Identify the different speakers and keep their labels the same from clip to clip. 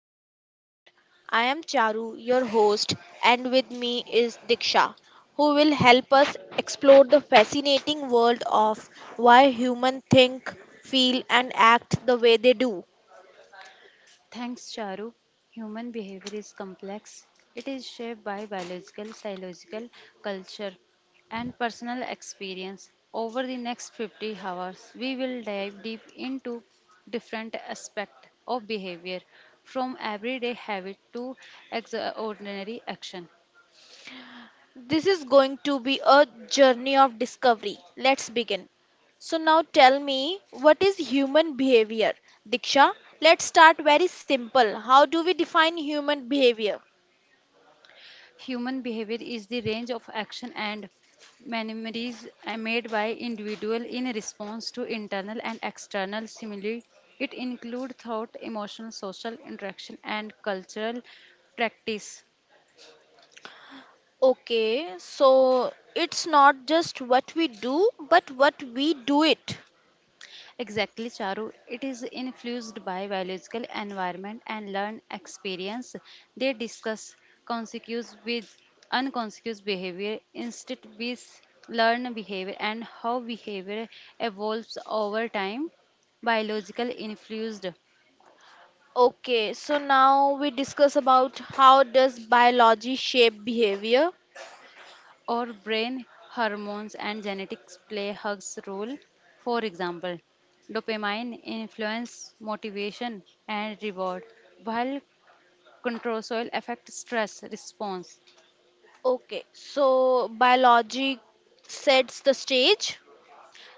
Speaker 1: Human Behavior. I am Charu, your host, and with me is Diksha, who will help us explore the fascinating world of why humans think, feel, and act the way they do.
Speaker 2: Thanks, Charu. Human behavior is complex. It is shaped by biological, psychological, culture, and personal experience. Over the next 50 hours, we will dive deep into different aspects of behavior, from everyday habit to extraordinary action.
Speaker 1: This is going to be a journey of discovery. Let's begin. So, now tell me, what is human behavior? Diksha, let's start very simple. How do we define human behavior?
Speaker 2: Human behavior is the range of action and manoeuvres made by individual in response to internal and external stimuli. It includes thought, emotional, social interaction, and cultural practice.
Speaker 1: Okay, so it's not just what we do, but what we do it.
Speaker 2: Exactly, Charu. It is influenced by biological environment and learned experience. They discuss consequence with unconscious behavior instead with learned behavior and how behavior evolves over time. Biological influenced
Speaker 1: Okay, so now we discuss about how does biology shape behavior.
Speaker 2: or brain hormones and genetics play hugs role. For example, dopamine influence motivation and reward, while control soil affect stress response.
Speaker 1: Okay, so biology sets the stage.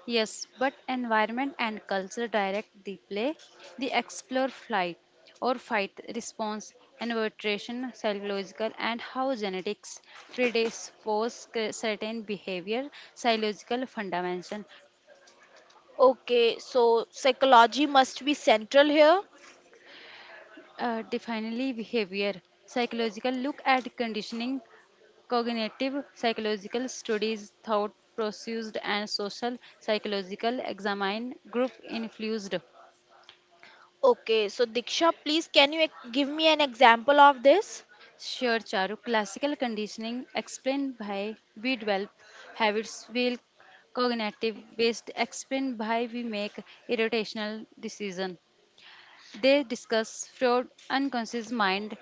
Speaker 2: Yes, but environment and culture direct the play, the explore flight or fight response, invertration, psychological, and how genetics certain behavior, psychological fundamental.
Speaker 1: Okay, so psychology must be central here.
Speaker 2: Definitely behavior, psychological look at conditioning, cognitive psychological studies, thought processed and social psychological examine group influenced.
Speaker 1: Okay, so Diksha, please can you give me an example of this?
Speaker 2: Sure, Charu. Classical conditioning, explained by we develop habits, will cognitive based, explained by we make irrational decision. They discuss Freud, unconscious mind,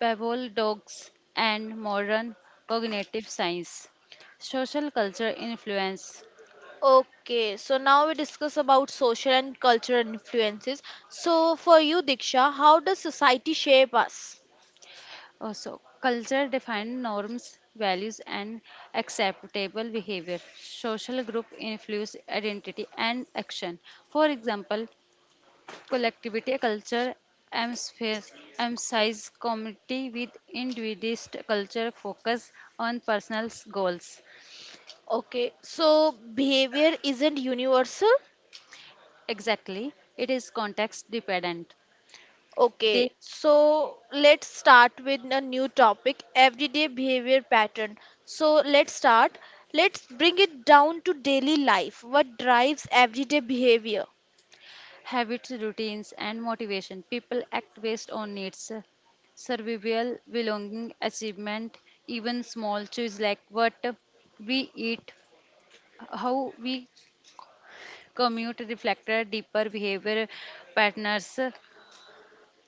Speaker 2: Pavlov dogs, and modern cognitive science. Social culture influence.
Speaker 1: Okay, so now we discuss about social and cultural influences. So for you, Diksha, how does society shape us?
Speaker 2: Also, culture defines norms, values, and acceptable behavior. Social group influence identity and action. For example, collectivity culture emphasize community with individualist culture focus on personal goals.
Speaker 1: Okay, so behavior isn't universal.
Speaker 2: Exactly, it is context dependent.
Speaker 1: Okay, so let's start with a new topic everyday behavior pattern. So let's start. Let's bring it down to daily life. What drives everyday behavior?
Speaker 2: Habits, routines, and motivation. People act based on needs, survival, belonging, achievement, even small choices like what we eat, how we commute, reflect our deeper behavior patterns.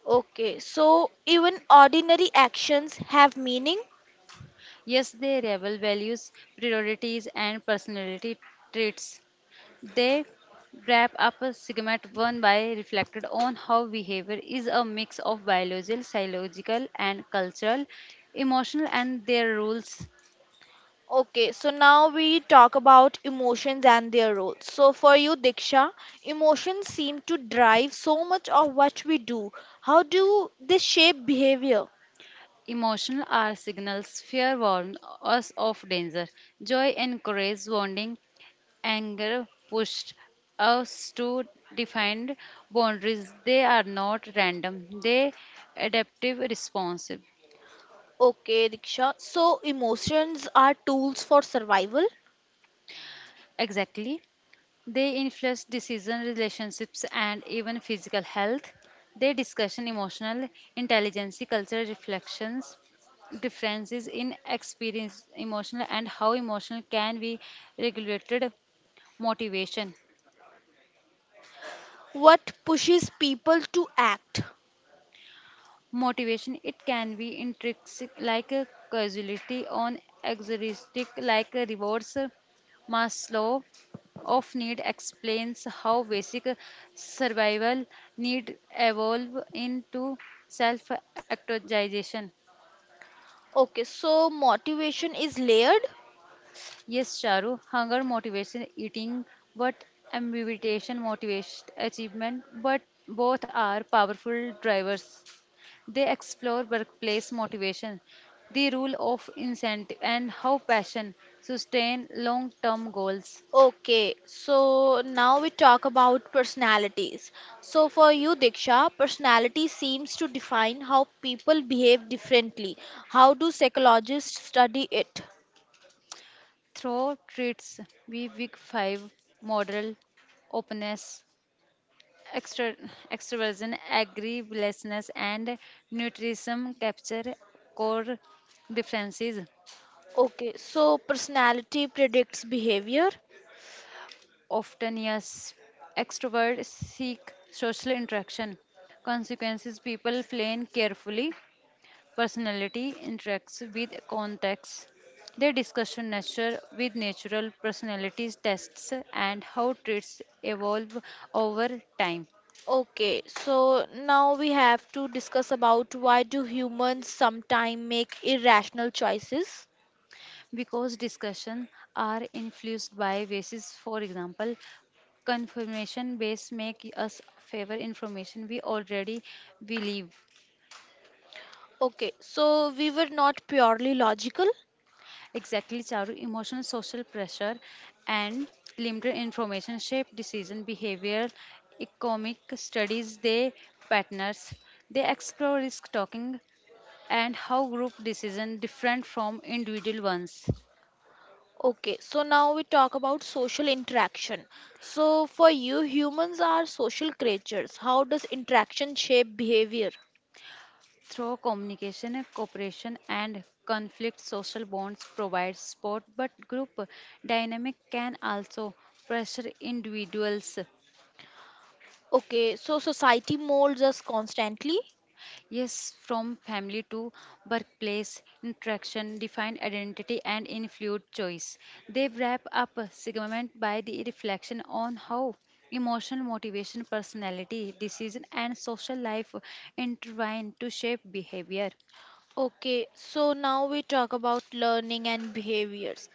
Speaker 1: Okay, so even ordinary actions have meaning.
Speaker 2: Yes, they revel values, priorities, and personality traits. They wrap up a segment one by reflected on how behavior is a mix of biological, psychological, and cultural, emotional, and their rules.
Speaker 1: Okay, so now we talk about emotions and their role. So for you, Diksha, emotions seem to drive so much of what we do. How do they shape behavior?
Speaker 2: Emotional are signals fear warns us of danger, joy encourages bonding. Anger pushed us to define boundaries. They are not random; they adaptive responsive.
Speaker 1: Okay, Diksha. So emotions are tools for survival.
Speaker 2: Exactly. They influence decision relationships and even physical health. They discuss emotional intelligence, cultural reflections, differences in experience, emotional and how emotional can be regulated motivation.
Speaker 1: What pushes people to act?
Speaker 2: Motivation it can be intrinsic like a causality on exoristic like a rewards Maslow of need explains how basic survival need evolve into self actualization.
Speaker 1: Okay, so motivation is layered.
Speaker 2: Yes, Charu, hunger motivation eating, but ambition motivation achievement, but both are powerful drivers. They explore workplace motivation, the rule of incentive, and how passion sustain long term goals.
Speaker 1: Okay, so now we talk about personalities. So, for you, Diksha, personality seems to define how people behave differently. How do psychologists study it?
Speaker 2: Through treats, we week 5 model openness, extra, extroversion, agreeableness, and nutrition capture core differences.
Speaker 1: Okay, so personality predicts behavior.
Speaker 2: Often, yes, extroverts seek social interaction. Consequences people plan carefully personality interacts with context. They discuss nature with natural personalities tests and how traits evolve over time.
Speaker 1: Okay, so now we have to discuss about why do humans sometimes make irrational choices?
Speaker 2: Because discussion are influenced by basis, for example, confirmation base make us favor information we already believe.
Speaker 1: Okay, so we were not purely logical.
Speaker 2: Exactly, Charu. Emotional social pressure and limited information shape decision behavior. Economic studies, they partners. They explore risk taking and how group decision different from individual ones.
Speaker 1: Okay, so now we talk about social interaction. So, for you, humans are social creatures. How does interaction shape behavior?
Speaker 2: Through communication, cooperation, and conflict, social bonds provide support, but group dynamic can also pressure individuals.
Speaker 1: Okay, so society molds us constantly.
Speaker 2: Yes, from family to workplace interaction define identity and influence choice. They wrap up a segment by the reflection on how emotional motivation, personality, decision, and social life intertwine to shape behavior.
Speaker 1: Okay, so now we talk about learning and behaviors.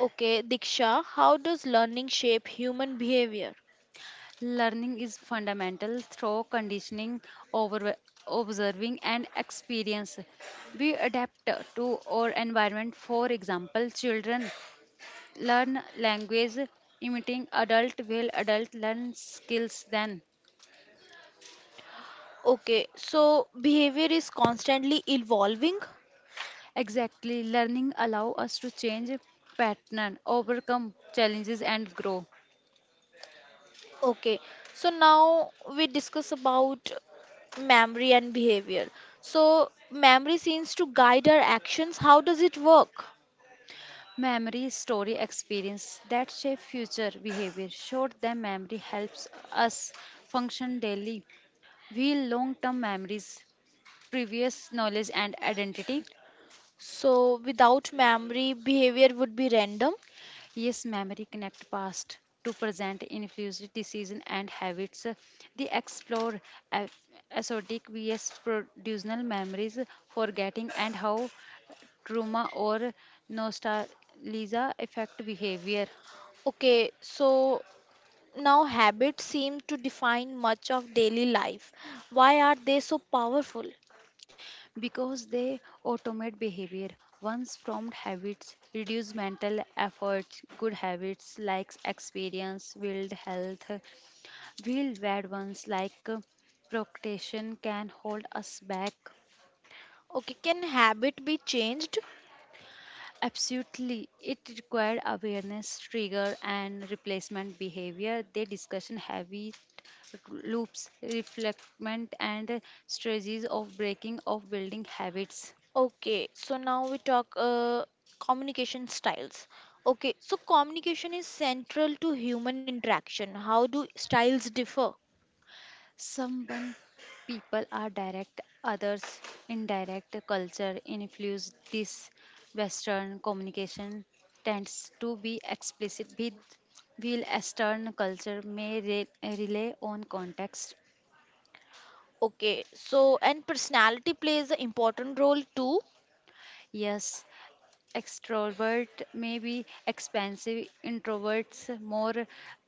Speaker 1: Okay, Diksha, how does learning shape human behavior?
Speaker 2: Learning is fundamental through conditioning, over observing, and experience. We adapt to our environment. For example, children learn language imitating adult will adult learn skills then
Speaker 1: Okay, so behavior is constantly evolving.
Speaker 2: exactly learning allow us to change pattern overcome challenges and grow
Speaker 1: Okay, so now we discuss about memory and behavior. So, memory seems to guide our actions. How does it work?
Speaker 2: memory story experience that shape future behavior short term memory helps us function daily we long term memories previous knowledge and identity.
Speaker 1: So, without memory, behavior would be random.
Speaker 2: Yes, memory connect past to present, influence decision and habits. They explore a- episodic vs productional memories, forgetting and how trauma or nostalgia affect behavior
Speaker 1: Okay, so now habits seem to define much of daily life. Why are they so powerful?
Speaker 2: because they automate behavior. Once formed habits reduce mental efforts. Good habits like experience build health, will bad ones like procrastination can hold us back.
Speaker 1: Okay, can habit be changed?
Speaker 2: Absolutely. It required awareness, trigger, and replacement behavior. They discussion habit loops, reflectment, and strategies of breaking of building habits.
Speaker 1: Okay, so now we talk communication styles. Okay, so communication is central to human interaction. How do styles differ?
Speaker 2: Someone people are direct, others indirect. Culture influence this Western communication tends to be explicit with while eastern culture rely on context.
Speaker 1: Okay, so and personality plays an important role too.
Speaker 2: Yes, extrovert may be expansive, introverts more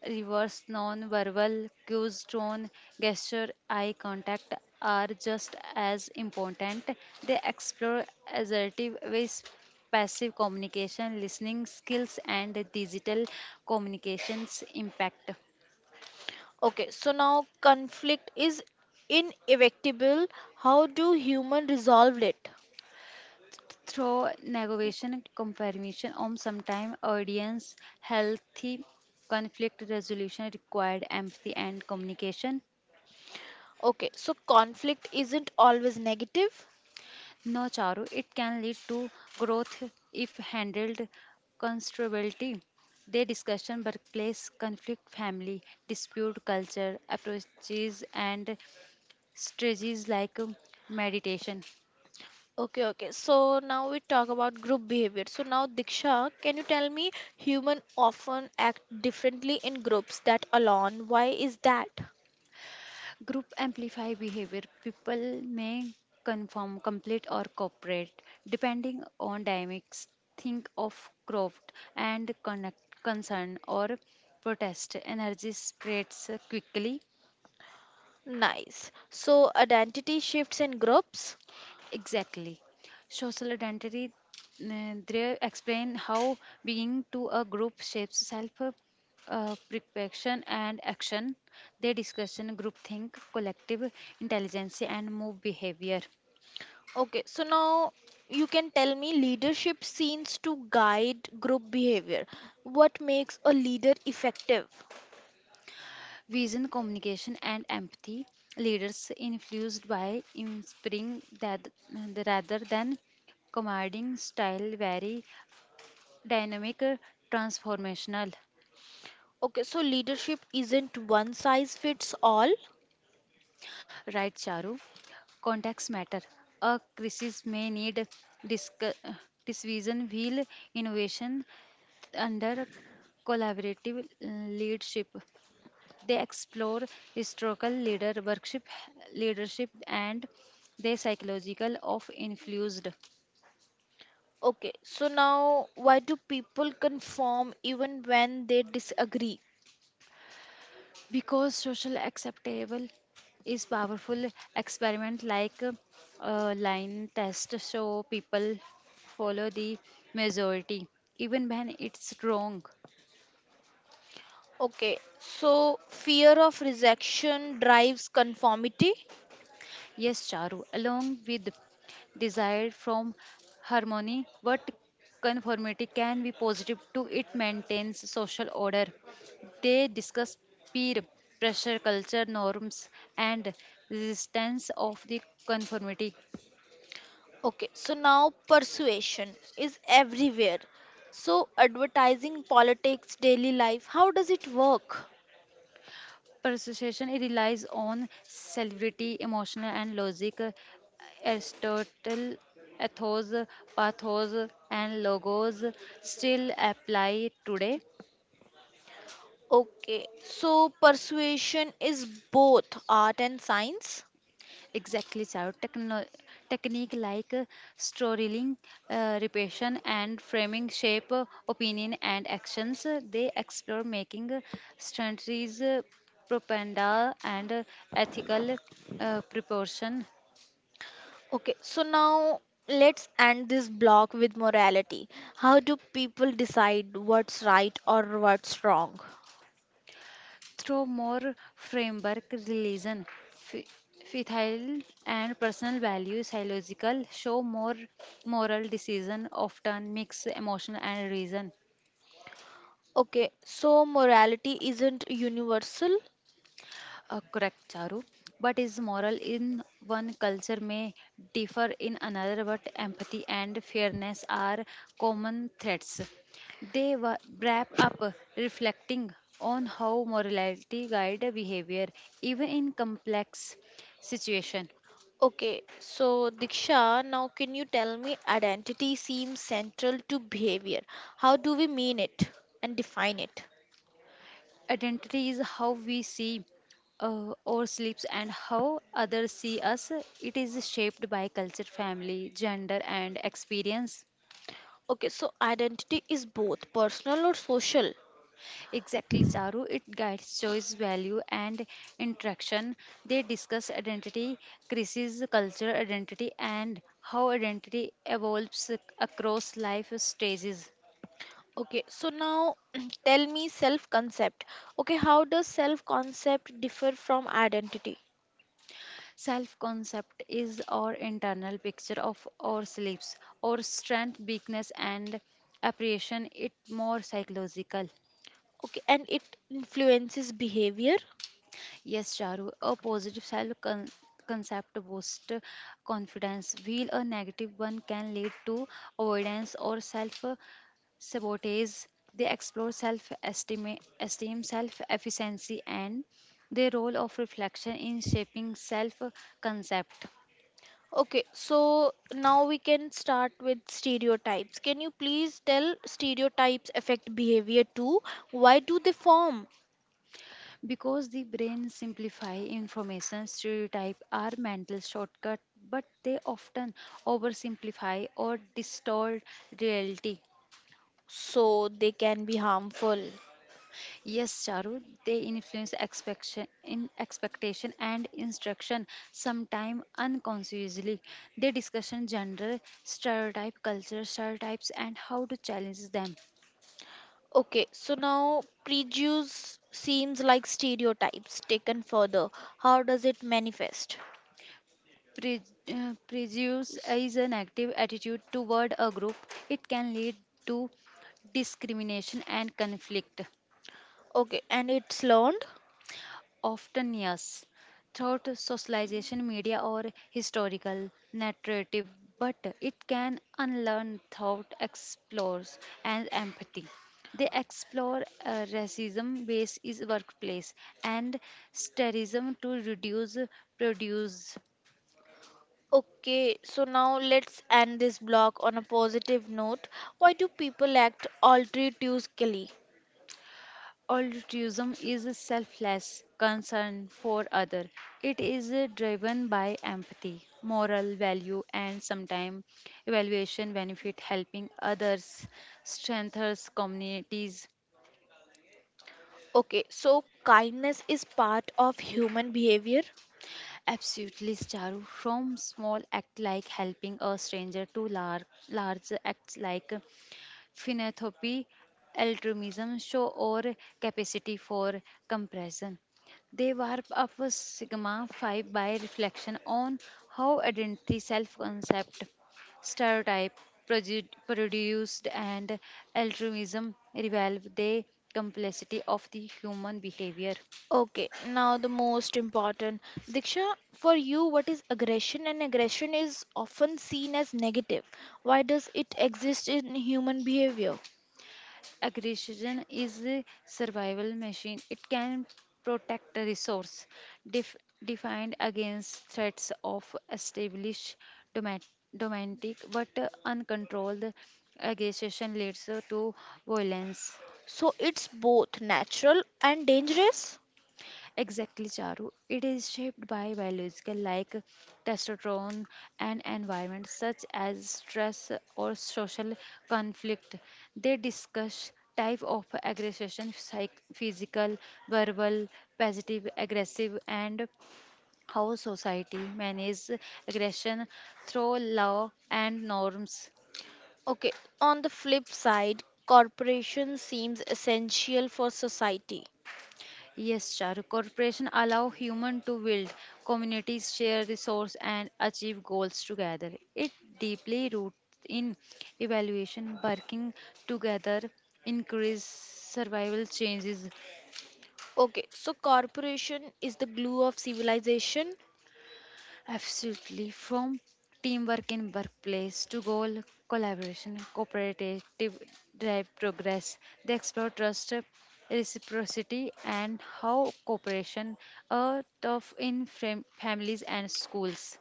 Speaker 2: reverse non-verbal cues, tone, gesture, eye contact are just as important. They explore assertive ways, passive communication, listening skills, and digital communications impact.
Speaker 1: Okay, so now conflict is inevitable. How do human resolve it?
Speaker 2: Through negotiation, confirmation, or sometime audience, healthy conflict resolution required empathy and communication.
Speaker 1: Okay, so conflict isn't always negative.
Speaker 2: No, Charu, it can lead to growth if handled constructively. They discuss workplace conflict, family dispute, culture approaches, and strategies like meditation.
Speaker 1: Okay, okay. So now we talk about group behavior. So now Diksha, can you tell me human often act differently in groups that alone? Why is that?
Speaker 2: Group amplify behavior. People may conform, complete, or cooperate depending on dynamics. Think of growth and connect, concern or protest. Energy spreads quickly.
Speaker 1: Nice. So identity shifts in groups.
Speaker 2: Exactly. Social identity, they explain how being to a group shapes self preparation and action. They discuss group think, collective intelligence, and move behavior.
Speaker 1: Okay, so now you can tell me leadership seems to guide group behavior. What makes a leader effective?
Speaker 2: Vision, communication, and empathy. Leaders influenced by inspiring that rather than commanding style, very dynamic, transformational.
Speaker 1: Okay, so leadership isn't one size fits all.
Speaker 2: Right, Charu. Contacts matter. A crisis may need disc- division wheel innovation under collaborative leadership. They explore historical leader workship leadership and the psychological of influenced.
Speaker 1: Okay, so now why do people conform even when they disagree?
Speaker 2: Because social acceptable is powerful experiment like line test so people follow the majority even when it's wrong.
Speaker 1: Okay, so fear of rejection drives conformity.
Speaker 2: Yes, Charu, along with desire from harmony what conformity can be positive to it maintains social order. They discuss peer pressure culture norms and resistance of the conformity.
Speaker 1: Okay, so now persuasion is everywhere. So advertising, politics, daily life, how does it work?
Speaker 2: Persuasion it relies on celebrity, emotional, and logic. Aristotle, ethos, pathos, and logos still apply today.
Speaker 1: Okay, so persuasion is both art and science.
Speaker 2: Exactly, child. Technique like storytelling, repetition, and framing shape opinion and actions. They explore making strategies, propaganda, and ethical proportion
Speaker 1: Okay, so now let's end this block with morality. How do people decide what's right or what's wrong?
Speaker 2: through more framework religion fi- faithful and personal values psychological show more moral decision often mix emotion and reason.
Speaker 1: Okay, so morality isn't universal.
Speaker 2: Correct Charu, but is moral in one culture may differ in another but empathy and fairness are common threads. They wrap up reflecting on how morality guide behavior even in complex situation.
Speaker 1: Okay, so Diksha, now can you tell me identity seems central to behavior? How do we mean it and define it?
Speaker 2: Identity is how we see ourselves and how others see us. It is shaped by culture, family, gender, and experience.
Speaker 1: Okay, so identity is both personal or social.
Speaker 2: Exactly, Charu. It guides choice, value, and interaction. They discuss identity, crisis, culture, identity, and how identity evolves across life stages.
Speaker 1: Okay, so now tell me self concept. Okay, how does self concept differ from identity?
Speaker 2: Self concept is our internal picture of our ourselves, our strength, weakness, and appreciation. It more psychological.
Speaker 1: Okay, and it influences behavior.
Speaker 2: Yes, Charu, a positive concept boosts confidence, while a negative one can lead to avoidance or self sabotage. They explore self esteem, esteem self efficiency, and the role of reflection in shaping self concept.
Speaker 1: Okay, so now we can start with stereotypes. Can you please tell stereotypes affect behavior too? Why do they form?
Speaker 2: Because the brain simplify information, stereotype are mental shortcut, but they often oversimplify or distort reality.
Speaker 1: So they can be harmful.
Speaker 2: Yes, Charu, they influence expectation, in expectation and instruction, sometimes unconsciously. They discuss gender, stereotype, culture, stereotypes, and how to challenge them.
Speaker 1: Okay, so now prejudice seems like stereotypes taken further. How does it manifest?
Speaker 2: Pre- prejudice is an active attitude toward a group. It can lead to discrimination and conflict,
Speaker 1: Okay, and it's learned.
Speaker 2: often, yes, throughout socialization, media, or historical narrative, but it can unlearn thought, explores, and empathy. They explore racism based is workplace and sterism to reduce produce
Speaker 1: Okay, so now let's end this block on a positive note. Why do people act altruistically?
Speaker 2: altruism is a selfless concern for other it is driven by empathy moral value and sometimes evaluation benefit helping others strengthens communities.
Speaker 1: Okay, so kindness is part of human behavior.
Speaker 2: Absolutely, Charu, from small act like helping a stranger to large acts like philanthropy, altruism, show or capacity for compassion. They warp up sigma 5 by reflection on how identity, self concept, stereotype, produced, and altruism reveal the complexity of the human behavior.
Speaker 1: Okay, now the most important. Diksha, for you, what is aggression? And aggression is often seen as negative. Why does it exist in human behavior?
Speaker 2: Aggression is a survival machine. It can protect a resource def- defined against threats of established domat- domestic but uncontrolled aggression leads to violence.
Speaker 1: So it's both natural and dangerous.
Speaker 2: Exactly, Charu. It is shaped by biological like testosterone and environment such as stress or social conflict. They discuss type of aggression, physical, verbal, positive, aggressive, and how society manages aggression through law and norms.
Speaker 1: Okay, on the flip side, cooperation seems essential for society.
Speaker 2: Yes, Charu. Corporation allow human to build communities, share resource, and achieve goals together. It deeply roots in evaluation, working together, increase survival changes.
Speaker 1: Okay, so corporation is the glue of civilization.
Speaker 2: Absolutely, from teamwork in workplace to goal collaboration, cooperative drive progress. They explore trust, reciprocity, and how cooperation are tough in families and schools.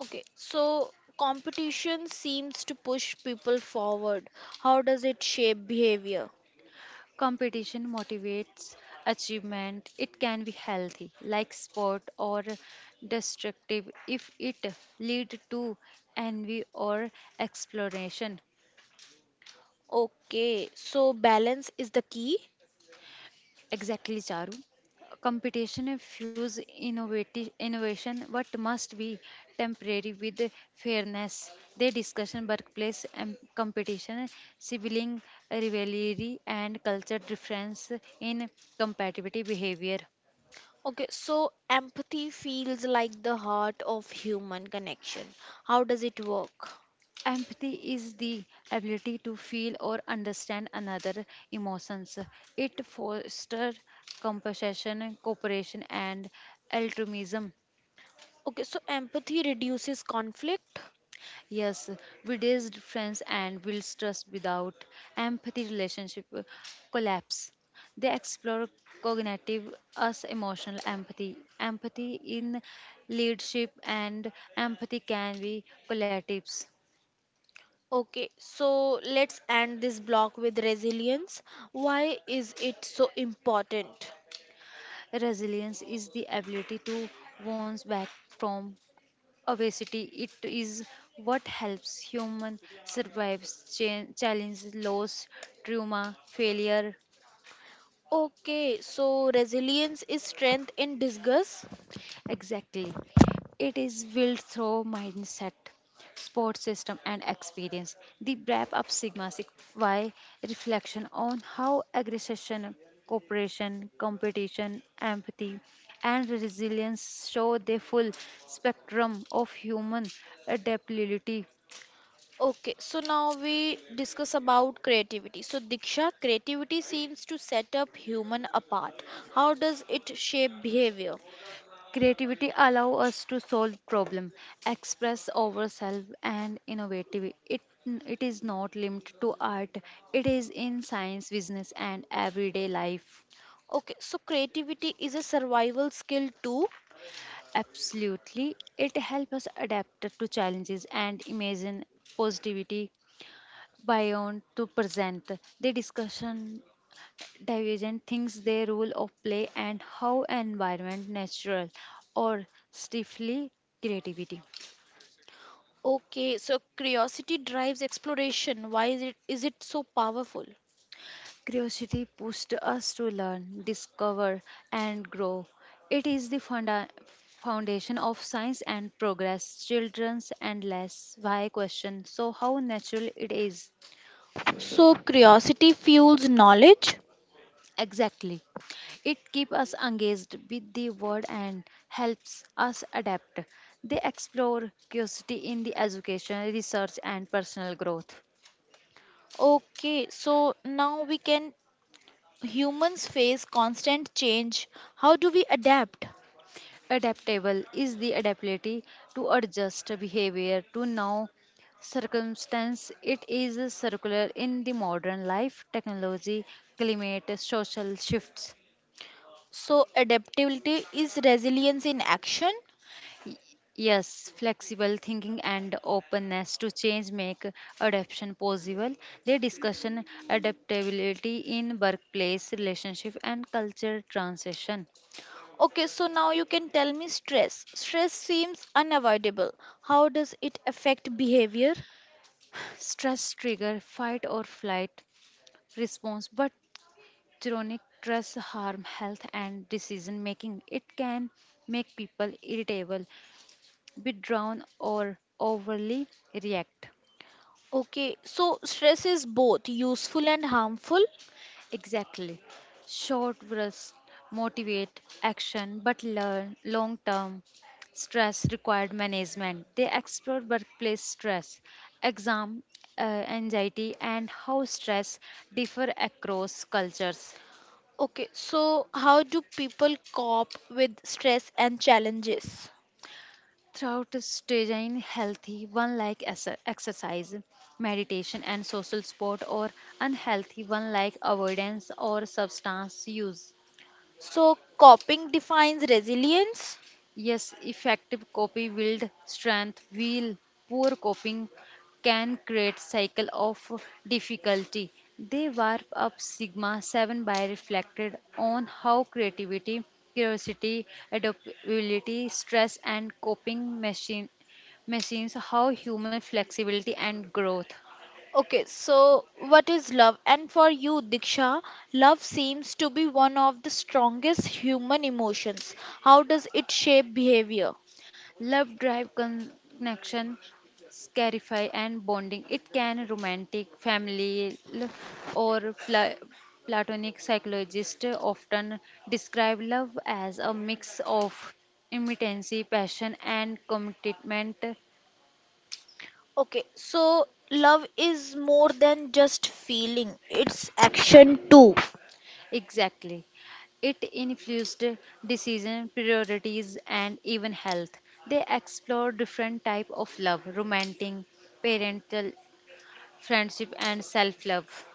Speaker 1: Okay, so competition seems to push people forward. How does it shape behavior?
Speaker 2: Competition motivates achievement. It can be healthy, like sport, or destructive if it lead to envy or exploration.
Speaker 1: Okay, so balance is the key.
Speaker 2: Exactly, Charu. Competition fuels innovation, but must be temporary with fairness. They discussion workplace and competition, sibling rivalry, and culture difference in competitive behavior.
Speaker 1: Okay, so empathy feels like the heart of human connection. How does it work?
Speaker 2: Empathy is the ability to feel or understand another emotions. It fosters compassion, cooperation, and altruism.
Speaker 1: Okay, so empathy reduces conflict.
Speaker 2: Yes, widow's friends and builds trust without empathy relationship collapse. They explore cognitive as emotional empathy. Empathy in leadership and empathy can be collectives.
Speaker 1: Okay, so let's end this block with resilience. Why is it so important?
Speaker 2: Resilience is the ability to bounce back from obesity it is what helps human survive challenge loss trauma failure
Speaker 1: Okay, so resilience is strength in disguise.
Speaker 2: exactly it is built through mindset sport system and experience the wrap up sigma six y reflection on how aggression cooperation competition empathy and resilience show the full spectrum of human adaptability.
Speaker 1: Okay, so now we discuss about creativity. So, Diksha, creativity seems to set up human apart. How does it shape behavior?
Speaker 2: Creativity allow us to solve problem, express ourselves, and innovative. It is not limited to art. It is in science, business, and everyday life.
Speaker 1: Okay, so creativity is a survival skill too.
Speaker 2: Absolutely, it helps us adapt to challenges and imagine positivity beyond to present. The discussion divergent things, their role of play, and how environment natural or stifle creativity.
Speaker 1: Okay, so curiosity drives exploration. Why is it so powerful?
Speaker 2: Curiosity pushed us to learn, discover, and grow. It is the foundation of science and progress. Children's endless why question. So, how natural it is?
Speaker 1: So curiosity fuels knowledge.
Speaker 2: Exactly. It keeps us engaged with the world and helps us adapt. They explore curiosity in the education, research, and personal growth.
Speaker 1: Okay, so now we can humans face constant change, how do we adapt?
Speaker 2: Adaptable is the ability to adjust behavior to now circumstance. It is circular in the modern life, technology, climate, social shifts.
Speaker 1: So, adaptability is resilience in action.
Speaker 2: Y- Yes, flexible thinking and openness to change make adaptation possible. They discussion adaptability in workplace, relationship, and culture transition.
Speaker 1: Okay, so now you can tell me stress. Stress seems unavoidable. How does it affect behavior?
Speaker 2: Stress trigger fight or flight response, but chronic stress harm health and decision making. It can make people irritable, withdrawn or overly react.
Speaker 1: Okay, so stress is both useful and harmful.
Speaker 2: Exactly. Short bursts motivate action but learn long term stress required management. They explore workplace stress, exam uh, anxiety and how stress differ across cultures.
Speaker 1: Okay, so how do people cope with stress and challenges?
Speaker 2: Throughout staying healthy, one like exercise, meditation, and social sport, or unhealthy, one like avoidance or substance use.
Speaker 1: So, coping defines resilience.
Speaker 2: Yes, effective copy build strength, while poor coping can create cycle of difficulty. They warp up sigma 7 by reflected on how creativity, curiosity, adaptability, stress and coping machines how human flexibility and growth.
Speaker 1: Okay, so what is love? And for you, Diksha, love seems to be one of the strongest human emotions. How does it shape behavior?
Speaker 2: Love drive connection, scarify and bonding. It can romantic, family l- or pla- platonic psychologists often describe love as a mix of imminency, passion and commitment.
Speaker 1: Okay, so love is more than just feeling, it's action too.
Speaker 2: Exactly. It influenced decision, priorities, and even health. They explore different type of love, romantic, parental, friendship, and self-love.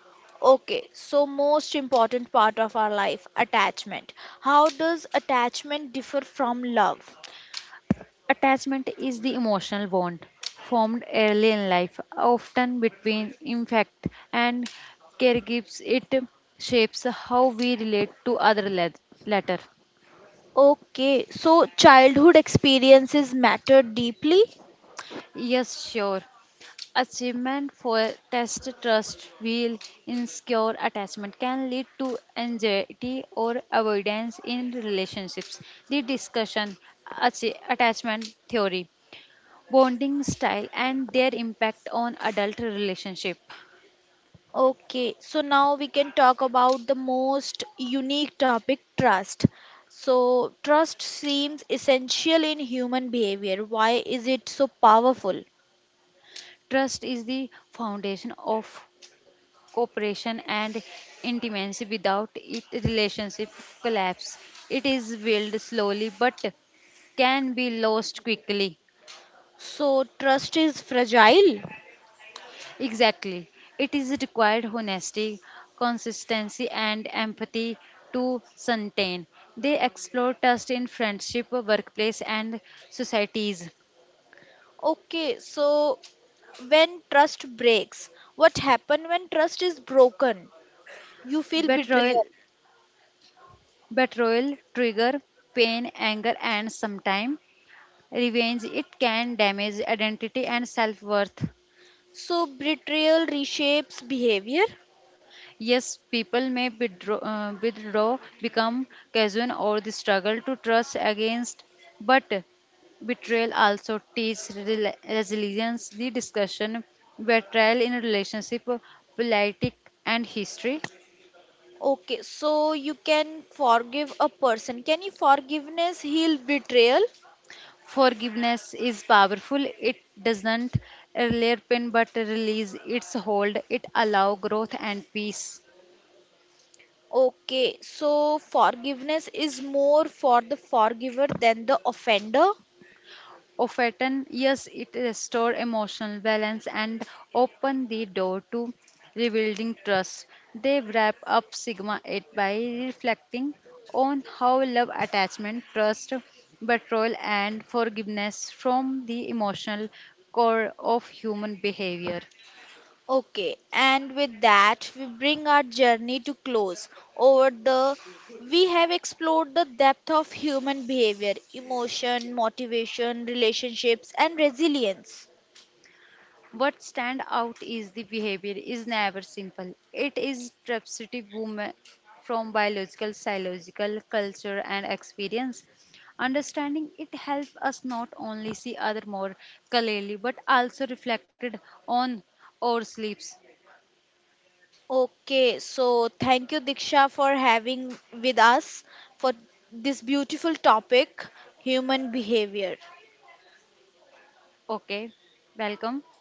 Speaker 1: Okay, so most important part of our life, attachment. How does attachment differ from love?
Speaker 2: Attachment is the emotional bond formed early in life, often between infant and caregivers. It shapes how we relate to other later.
Speaker 1: Okay, so childhood experiences matter deeply.
Speaker 2: Yes, sure. Achievement for test trust will insecure attachment can lead to anxiety or avoidance in relationships. The discussion attachment theory, bonding style, and their impact on adult relationship.
Speaker 1: Okay, so now we can talk about the most unique topic trust. So, trust seems essential in human behavior. Why is it so powerful?
Speaker 2: Trust is the foundation of cooperation and intimacy. Without it, relationship collapse. It is built slowly but can be lost quickly.
Speaker 1: So, trust is fragile.
Speaker 2: Exactly. It is required honesty, consistency, and empathy to sustain. They explore trust in friendship, workplace, and societies.
Speaker 1: Okay, so when trust breaks, what happens when trust is broken? You feel
Speaker 2: Betrayal,
Speaker 1: betrayal.
Speaker 2: betrayal trigger pain, anger, and sometimes revenge it can damage identity and self-worth.
Speaker 1: So, betrayal reshapes behavior.
Speaker 2: Yes, people may withdraw become casual or the struggle to trust against, but betrayal also teaches resilience. The discussion betrayal in relationship politics, and history
Speaker 1: Okay, so you can forgive a person. Can you forgiveness heal betrayal?
Speaker 2: forgiveness is powerful it doesn't earlier pain but release its hold it allow growth and peace.
Speaker 1: Okay, so forgiveness is more for the forgiver than the offender.
Speaker 2: Of often, yes, it restores emotional balance and open the door to rebuilding trust. They wrap up Sigma 8 by reflecting on how love, attachment, trust, betrayal, and forgiveness from the emotional core of human behavior.
Speaker 1: Okay, and with that, we bring our journey to close. Over the we have explored the depth of human behavior, emotion, motivation, relationships, and resilience.
Speaker 2: What stand out is the behavior is never simple. It is representative woman from biological, psychological, culture and experience. Understanding it helps us not only see other more clearly but also reflected on our sleeps.
Speaker 1: Okay, so thank you, Diksha, for having with us for this beautiful topic, human behavior.
Speaker 2: Okay, welcome.